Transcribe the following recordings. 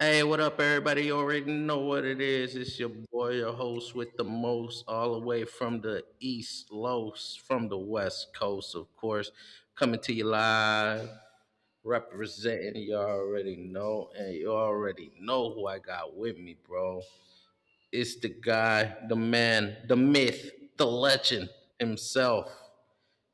Hey, what up, everybody? You already know what it is. It's your boy, your host with the most, all the way from the East Los, from the West Coast, of course. Coming to you live, representing. You already know, and you already know who I got with me, bro. It's the guy, the man, the myth, the legend himself.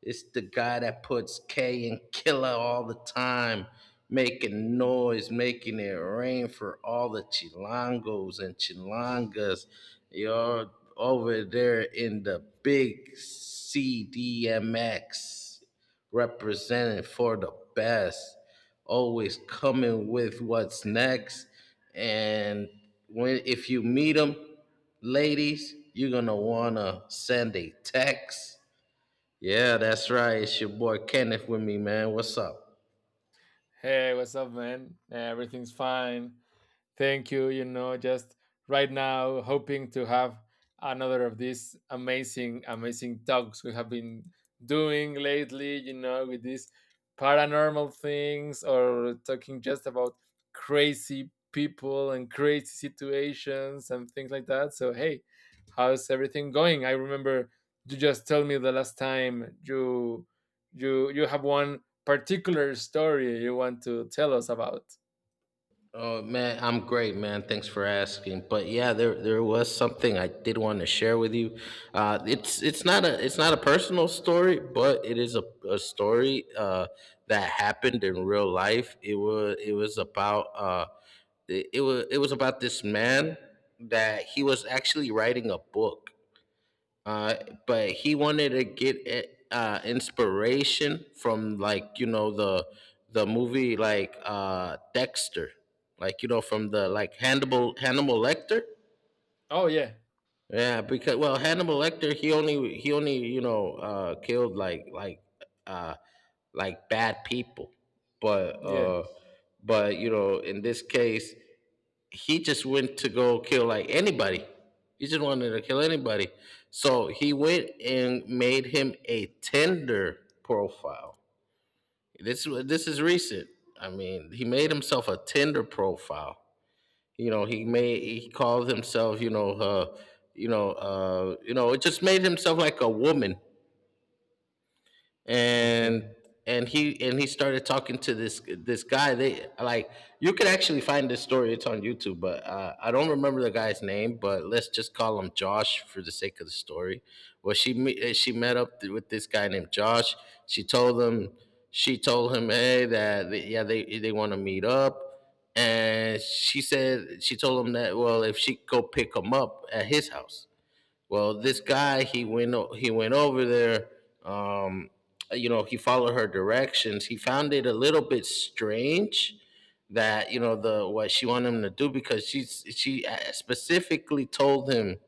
It's the guy that puts K and Killer all the time, making noise, making it rain for all the Chilangos and Chilangas. You're over there in the big CDMX, representing for the best, always coming with what's next. And when if you meet them, ladies, you're gonna wanna send a text. Yeah, that's right. It's your boy Kenneth with me, man. What's up? Hey, what's up, man? Everything's fine. Thank you. You know, just right now, hoping to have another of these amazing, amazing talks we have been doing lately, you know, with these paranormal things or talking just about crazy people and crazy situations and things like that. So, hey, how's everything going? I remember you just told me the last time you have one particular story you want to tell us about. Oh man, I'm great, man. Thanks for asking. But yeah, there was something I did want to share with you. It's not a personal story, but it is a story that happened in real life. It was about this man that he was actually writing a book uh, but he wanted to get inspiration from like the movie like Dexter, like from the like Hannibal Lecter. Oh yeah. Yeah, because well Hannibal Lecter he only killed uh, like bad people, but Yeah. uh, but in this case he just went to go kill like anybody. He just wanted to kill anybody. So he went and made him a Tinder profile. This is recent. I mean, he made himself a Tinder profile. You know, he called himself, it just made himself like a woman and Okay. and he started talking to this guy. They like, you could actually find this story, it's on YouTube, but I don't remember the guy's name, but let's just call him Josh for the sake of the story. Well, she met up with this guy named Josh. She told him she told him "Hey, yeah, they want to meet up." And she said, she told him that, well, if she could go pick him up at his house. Well, this guy he went over there. Um, you know, he followed her directions. He found it a little bit strange that, you know, the what she wanted him to do, because she specifically told him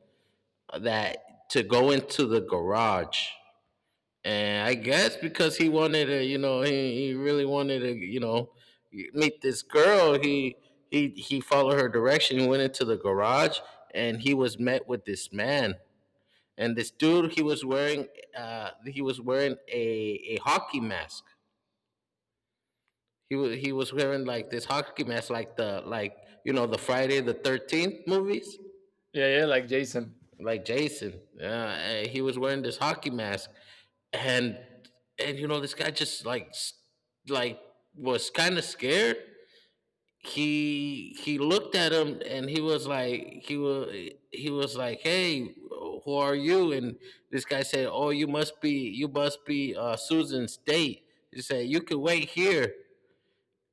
that to go into the garage. And I guess because he wanted to, you know, he really wanted to, you know, meet this girl. He followed her direction. He went into the garage and he was met with this man. And this dude, he was wearing, he was wearing a hockey mask. He was wearing like this hockey mask, like the, like, you know, the Friday the 13th movies, Yeah, yeah, like Jason. like Jason. He was wearing this hockey mask. and and you know this guy just like like was kind of scared. He looked at him and he was like, "Hey, who are you?" And this guy said, "Oh, you must be Susan's date. He said, you can wait here."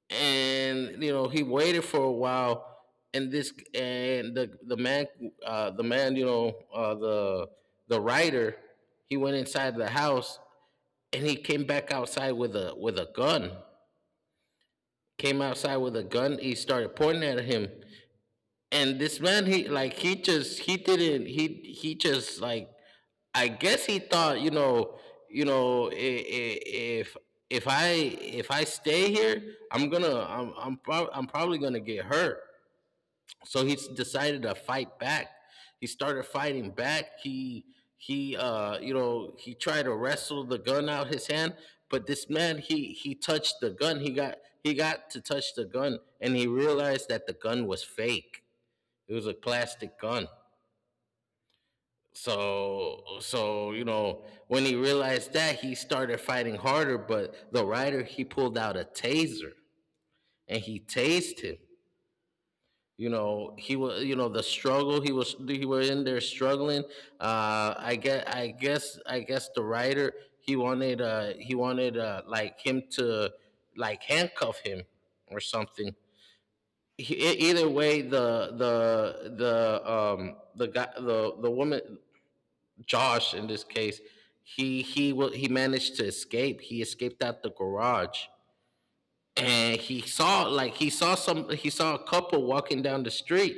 And you know he waited for a while. And this and the man, uh, the man you know uh, the the writer, he went inside the house and he came back outside with a gun. Came outside with a gun. He started pointing at him. And this man, he like he just he didn't he just like I guess he thought, you know, if I stay here, I'm gonna I'm probably gonna get hurt. So he decided to fight back. He started fighting back. He you know, he tried to wrestle the gun out his hand. But this man, he touched the gun. He got to touch the gun and he realized that the gun was fake. It was a plastic gun. So, so you know, when he realized that, he started fighting harder. But the rider, he pulled out a taser and he tased him. You know, he was, you know, the struggle, he was, he were in there struggling. I guess the rider he wanted like him to like handcuff him or something. Either way, the guy the woman, Josh in this case, he managed to escape. He escaped out the garage, and he saw like he saw some he saw a couple walking down the street,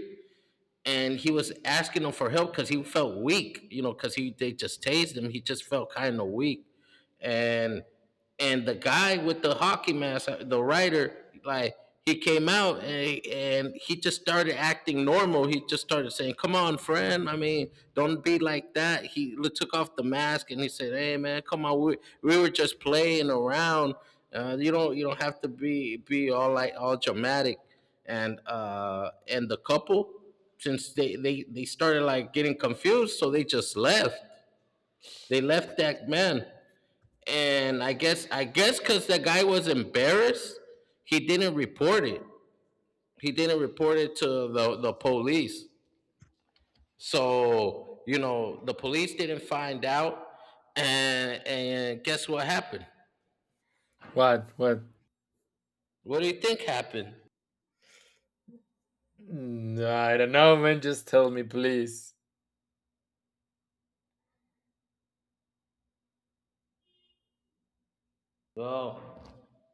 and he was asking them for help because he felt weak. You know, because he they just tased him. He just felt kind of weak, and and the guy with the hockey mask, the writer, like, he came out and he just started acting normal. He just started saying, "Come on, friend. I mean, don't be like that." He took off the mask and he said, "Hey, man, come on. We were just playing around. You don't have to be all like all dramatic." And the couple, since they started like getting confused, so they just left. They left that man. And I guess because the guy was embarrassed, he didn't report it. He didn't report it to the police. So you know, the police didn't find out. And guess what happened? What? What? What do you think happened? I don't know, man. Just tell me, please. Well,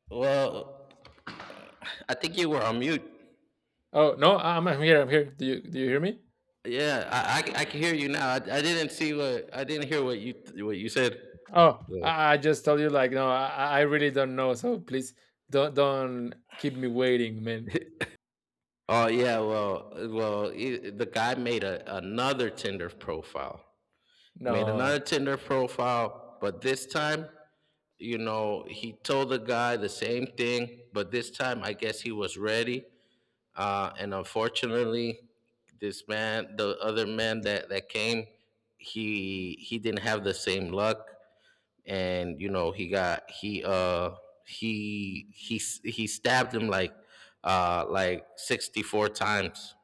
well, I think you were on mute. Oh no, I'm here. I'm here. Do you hear me? Yeah, I can hear you now. I didn't see what, I didn't hear what you, what you said. Oh, Yeah. I just told you, like, no, I really don't know. So please, don't keep me waiting, man. Oh yeah, well, well, I the guy made another Tinder profile. Made another No. Tinder profile, but this time, you know, he told the guy the same thing, but this time I guess he was ready. And unfortunately, this man, the other man that that came, he didn't have the same luck. And you know, he got he he he stabbed him like 64 times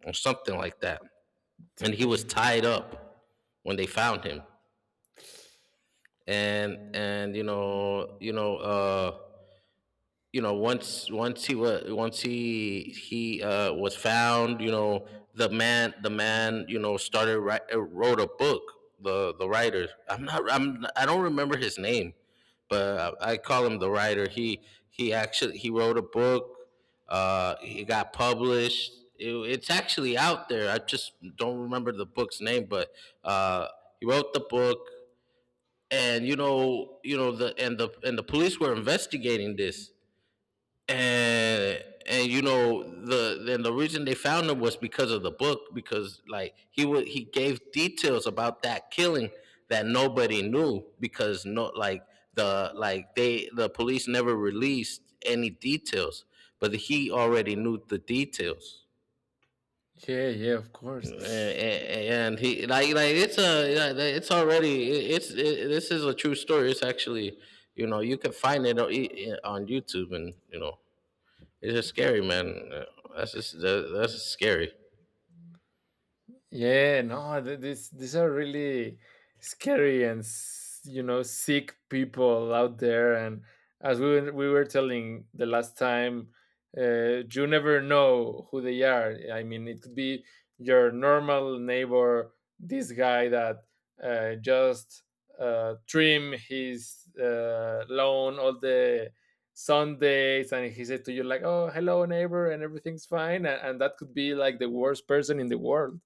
or something like that. And he was Damn. tied up when they found him. And you know, you know, you know, once he was found, you know, the man wrote a book. The writer, I'm not I'm I don't remember his name, but I call him the writer. He he actually he wrote a book. It got published. It's actually out there. I just don't remember the book's name, but uh he wrote the book. And you know, you know, the police were investigating this. And you know, then the reason they found him was because of the book, because like he would, he gave details about that killing that nobody knew, because no, like, the like, they, the police never released any details, but he already knew the details. Yeah, yeah, of and, course. and he like it's a like, it's already it's, it, this is a true story. It's actually, you know, you can find it on YouTube. And you know, it's just scary, man. That's just that, that's just scary. Yeah, no, this these are really scary and you know sick people out there. And as we were telling the last time, you never know who they are. I mean, it could be your normal neighbor, this guy that just trim his lawn all the Sundays, and he said to you like, "Oh, hello, neighbor," and everything's fine, and that could be like the worst person in the world.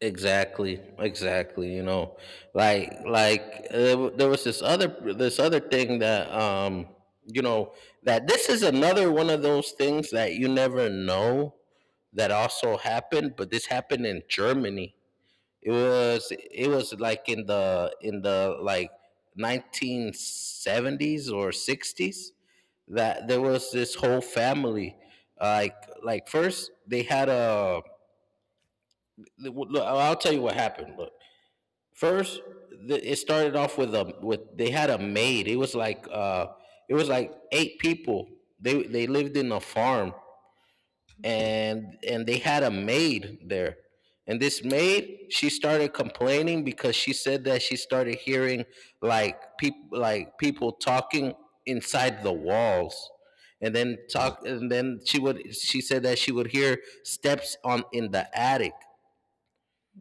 Exactly, exactly. You know, like there was this other, this other thing that you know, that this is another one of those things that you never know, that also happened, but this happened in Germany. It was like in the like 1970s or 60s, that there was this whole family. like like, first they had a, look, I'll tell you what happened. Look, first it started off with a, with, they had a maid. It was like eight people. They lived in a farm, and they had a maid there, and this maid, she started complaining because she said that she started hearing like people talking inside the walls. And then talk and then she said that she would hear steps on in the attic.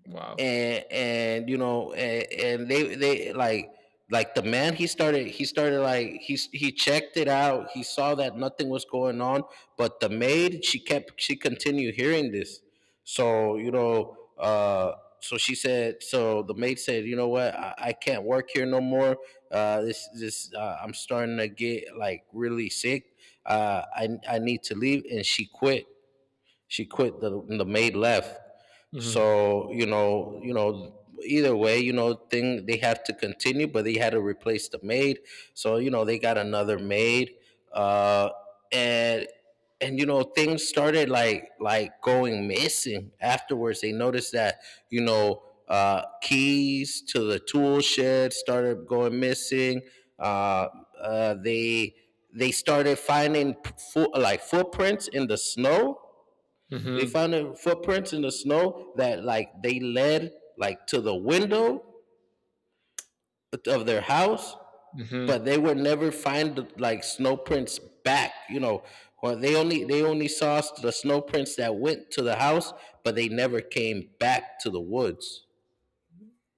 Wow. And and you know and, and they like the man, he started like, he checked it out. He saw that nothing was going on, but the maid, she continued hearing this. So so she said so the maid said, I can't work here no more. This this I'm starting to get like really sick. I need to leave, and she quit. The maid left. Mhm. So you know, either way, you know, thing they have to continue, but they had to replace the maid. So you know, they got another maid. uh and and you know, things started like going missing afterwards. They noticed that, you know, keys to the tool shed started going missing. uh uh they they started like footprints in the snow. They Mhm. found their footprints in the snow, that like they led like to the window of their house, but Mhm. they would never find like snow prints back. You know, or they only, saw the snow prints that went to the house, but they never came back to the woods.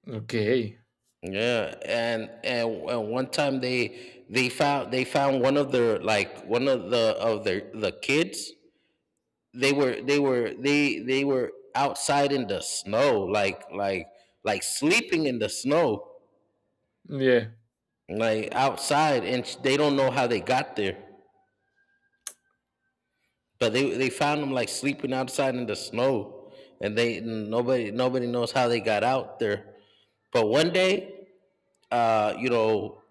Okay. Yeah, and one time they found one of their, like, one of the of their the kids. They were outside in the snow, like, like sleeping in the snow, Yeah. like outside, and they don't know how they got there, but they found them like sleeping outside in the snow. And they nobody, knows how they got out there. But one day, uh you know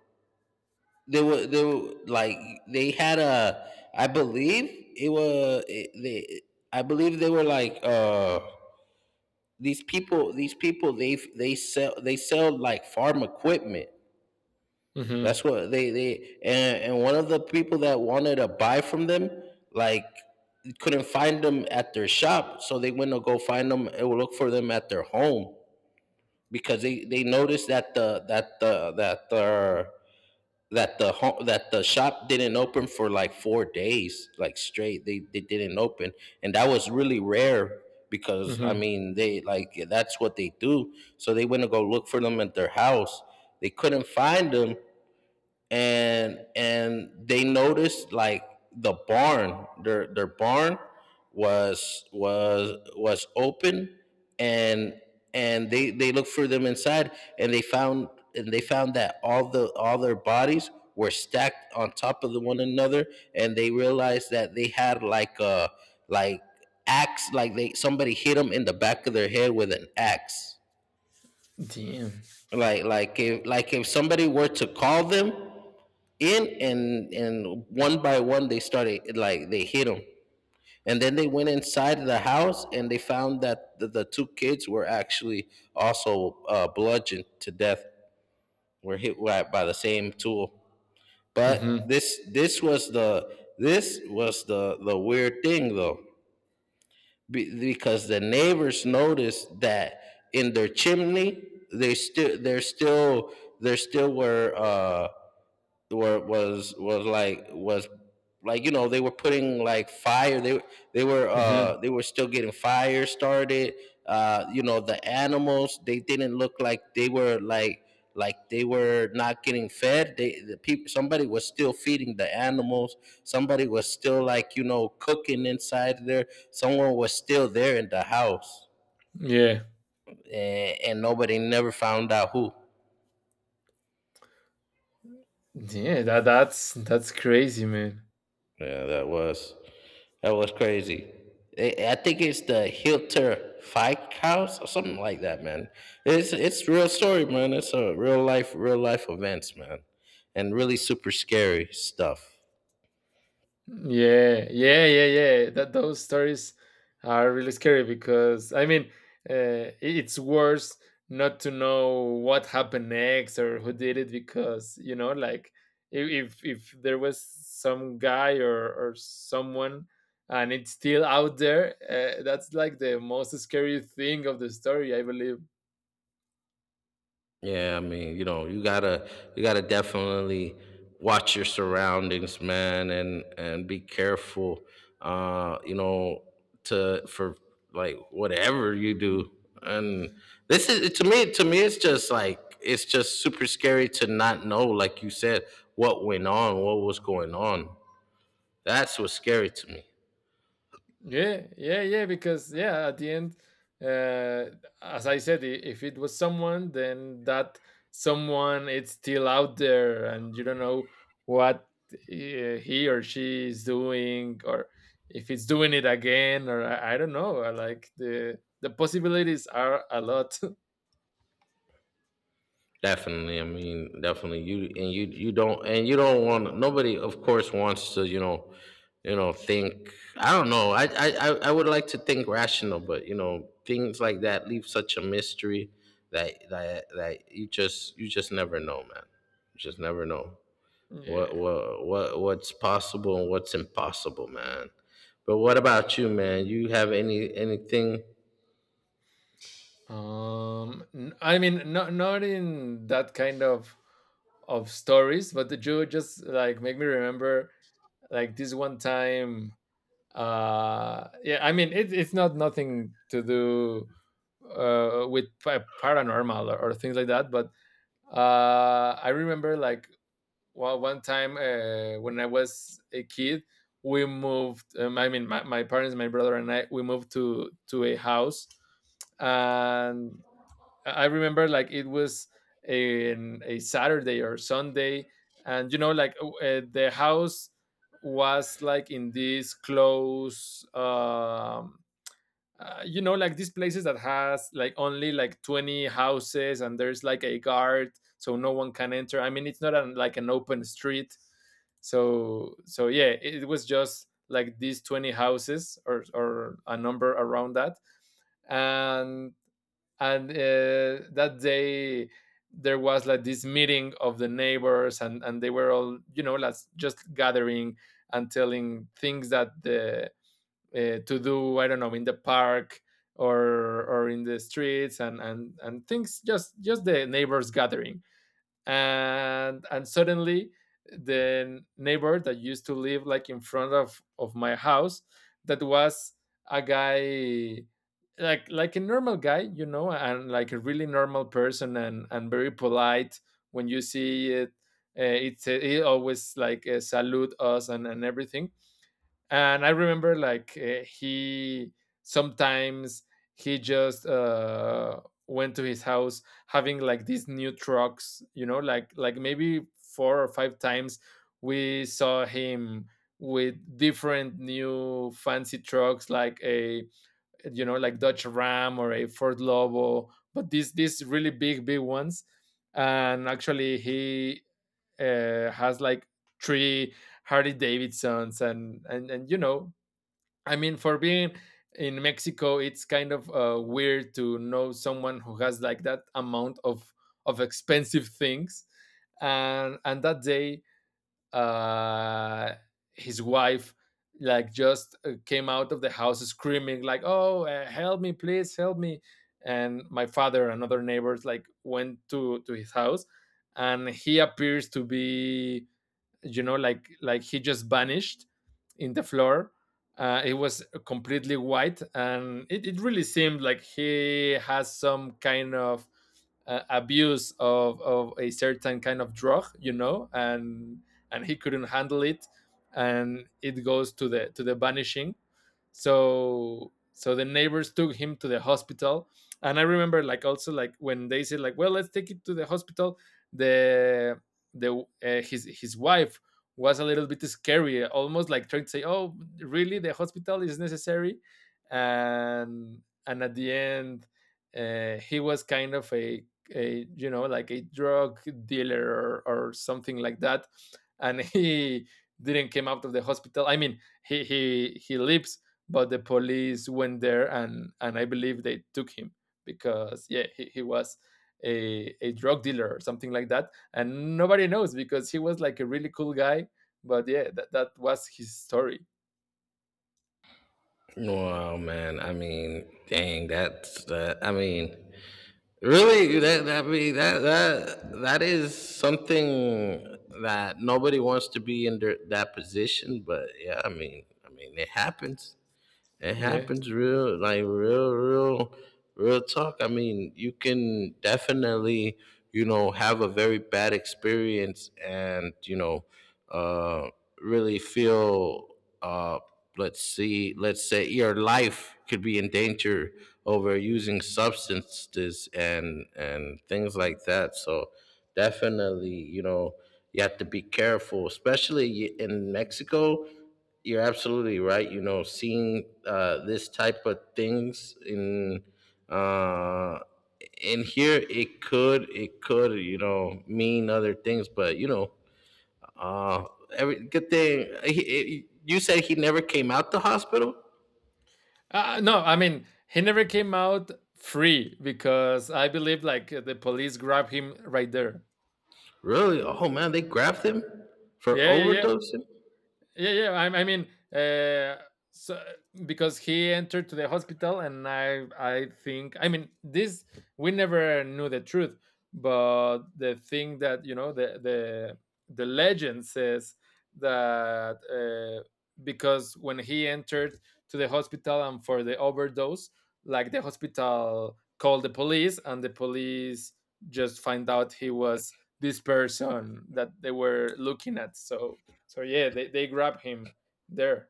they were, they had a, I believe it was, it, they I believe they were like, these people, they sell, like farm equipment. That's Mhm. what they, and, one of the people that wanted to buy from them, like, couldn't find them at their shop, so they went to go find them and look for them at their home, because they noticed that the shop didn't open for like 4 days, like straight. They didn't open, and that was really rare, because I Mhm. mean, they like, that's what they do. So they went to go look for them at their house. They couldn't find them, and they noticed, like, the barn, their barn was, was open. And they looked for them inside, and they found, that all the, all their bodies were stacked on top of the one another. And they realized that they had, like, a, like, axe, like, they somebody hit them in the back of their head with an axe. Damn. Like, if, somebody were to call them in, and one by one, they started like, they hit them. And then they went inside the house, and they found that the, two kids were actually also, bludgeoned to death, were hit by the same tool. But Mhm. This was the, the weird thing though, because the neighbors noticed that in their chimney they still, there still were, was like was, like, you know, they were putting like fire. They were, Mhm. They were still getting fire started. You know, the animals, they didn't look like they were not getting fed. The people, somebody was still feeding the animals. Somebody was still like, you know, cooking inside there. Someone was still there in the house. Yeah. And, nobody never found out who. Yeah. That that's crazy, man. Yeah, that was... That was crazy. I think it's the Hilter Fike House or something like that, man. It's real story, man. It's a real life, events, man, and really super scary stuff. Yeah, yeah, yeah, yeah. That those stories are really scary because I mean, it's worse not to know what happened next or who did it because you know, like if there was some guy or someone and it's still out there, that's like the most scary thing of the story, I believe. Yeah, I mean, you know, you gotta, definitely watch your surroundings, man, and be careful. You know, to for, like, whatever you do. And this is, to me it's just like, it's just super scary to not know, like you said, what went on, what was going on. That's what's scary to me. Yeah, yeah, yeah. Because yeah, at the end, as I said, if it was someone, then that someone it's still out there, and you don't know what he or she is doing, or if it's doing it again, or I don't know. I like the possibilities are a lot. Definitely, I mean, definitely. You, you don't, and you don't want nobody, of course, wants to, you know, think. I don't know. I would like to think rational, but you know, things like that leave such a mystery that you just, never know, man. You just never know what, Yeah. What's possible and what's impossible, man. But what about you, man? You have any, anything? I mean, not not in that kind of stories, but the Jew just like make me remember like this one time yeah I mean it, it's not nothing to do with paranormal or things like that but I remember like well, one time when I was a kid we moved I mean my parents my brother and I we moved to a house and I remember like it was in a Saturday or Sunday, and you know, like the house was like in this close, you know, like these places that has like only like 20 houses, and there's like a guard, so no one can enter. I mean, it's not an, like an open street, so so yeah, it was just like these 20 houses or a number around that, and and that day there was like this meeting of the neighbors and they were all you know like just gathering and telling things that the to do I don't know in the park or in the streets and things just the neighbors gathering and suddenly the neighbor that used to live like in front of my house that was a guy like a normal guy you know and like a really normal person and very polite when you see it it's he always like salute us and everything and I remember like he sometimes he just went to his house having like these new trucks you know like maybe 4 or 5 times we saw him with different new fancy trucks like a you know like Dodge Ram or a Ford Lobo but these really big big ones and actually he has like 3 Harley Davidsons and you know I mean, for being in Mexico, it's kind of weird to know someone who has like that amount of expensive things, and that day, uh, his wife like just came out of the house screaming like, "Oh, help me, please, help me!" And my father and other neighbors like went to his house, and he appears to be you know like he just vanished in the floor it was completely white and it really seemed like he has some kind of abuse of a certain kind of drug you know and he couldn't handle it and it goes to the vanishing so so the neighbors took him to the hospital and I remember like also like when they said like well let's take it to the hospital the the his wife was a little bit scary almost like trying to say oh really the hospital is necessary and at the end, he was kind of a you know like a drug dealer or something like that and he didn't came out of the hospital I mean he lives but the police went there and I believe they took him because yeah he was a drug dealer or something like that and nobody knows because he was like a really cool guy but yeah that was his story. Wow, man. I mean, dang, that's that. I mean, really, that, that is something that nobody wants to be in their, that position. But yeah, I mean, it happens. It Yeah. happens real, like real, real talk. I mean, you can definitely, you know, have a very bad experience and, you know, uh, really feel, uh, let's see, let's say, your life could be in danger over using substances and, things like that. So definitely, you know, you have to be careful, especially in Mexico. You're absolutely right. You know, seeing, this type of things in, uh, in here, it could, you know, mean other things, but you know, uh, every good thing. He, you said he never came out the hospital. No I mean he never came out free because I believe like the police grabbed him right there. Really? Oh man, they grabbed him for Yeah, overdosing. yeah, yeah. I mean, uh, so because he entered to the hospital, and I think, I mean, this we never knew the truth, but the thing that you know, the legend says that because when he entered to the hospital and for the overdose, like the hospital called the police, and the police just find out he was this person that they were looking at. So so yeah, they grab him there.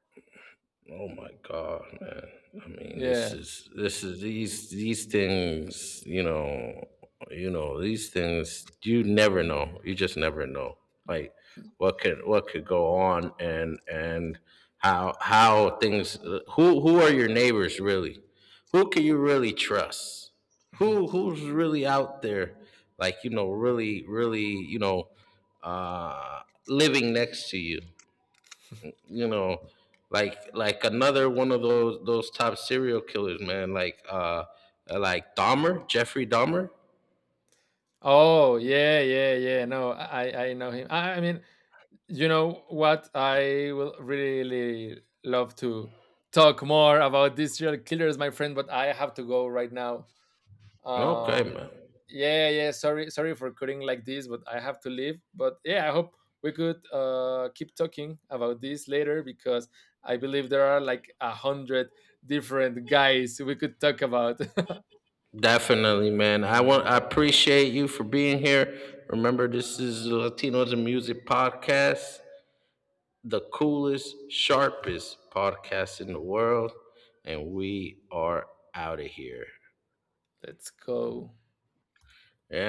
Oh my God, man. I mean, this Yeah. is, these, things, you know, these things, you never know. You just never know. Like, what could, go on, and how, things, who, are your neighbors, really? Who can you really trust? Who, who's really out there, like, you know, really, you know, living next to you? You know, like, another one of those, top serial killers, man. Like, like Dahmer, Jeffrey Dahmer. Oh yeah, yeah, yeah. No, I know him. I mean, you know what? I will really love to talk more about these serial killers, my friend. But I have to go right now. Okay, Um, man. yeah, yeah. Sorry, sorry for cutting like this, but I have to leave. But yeah, I hope we could keep talking about this later because I believe there are like 100 different guys we could talk about. Definitely, man. I appreciate you for being here. Remember, this is the Latinos and Music podcast, the coolest, sharpest podcast in the world, and we are out of here. Let's go. Yeah.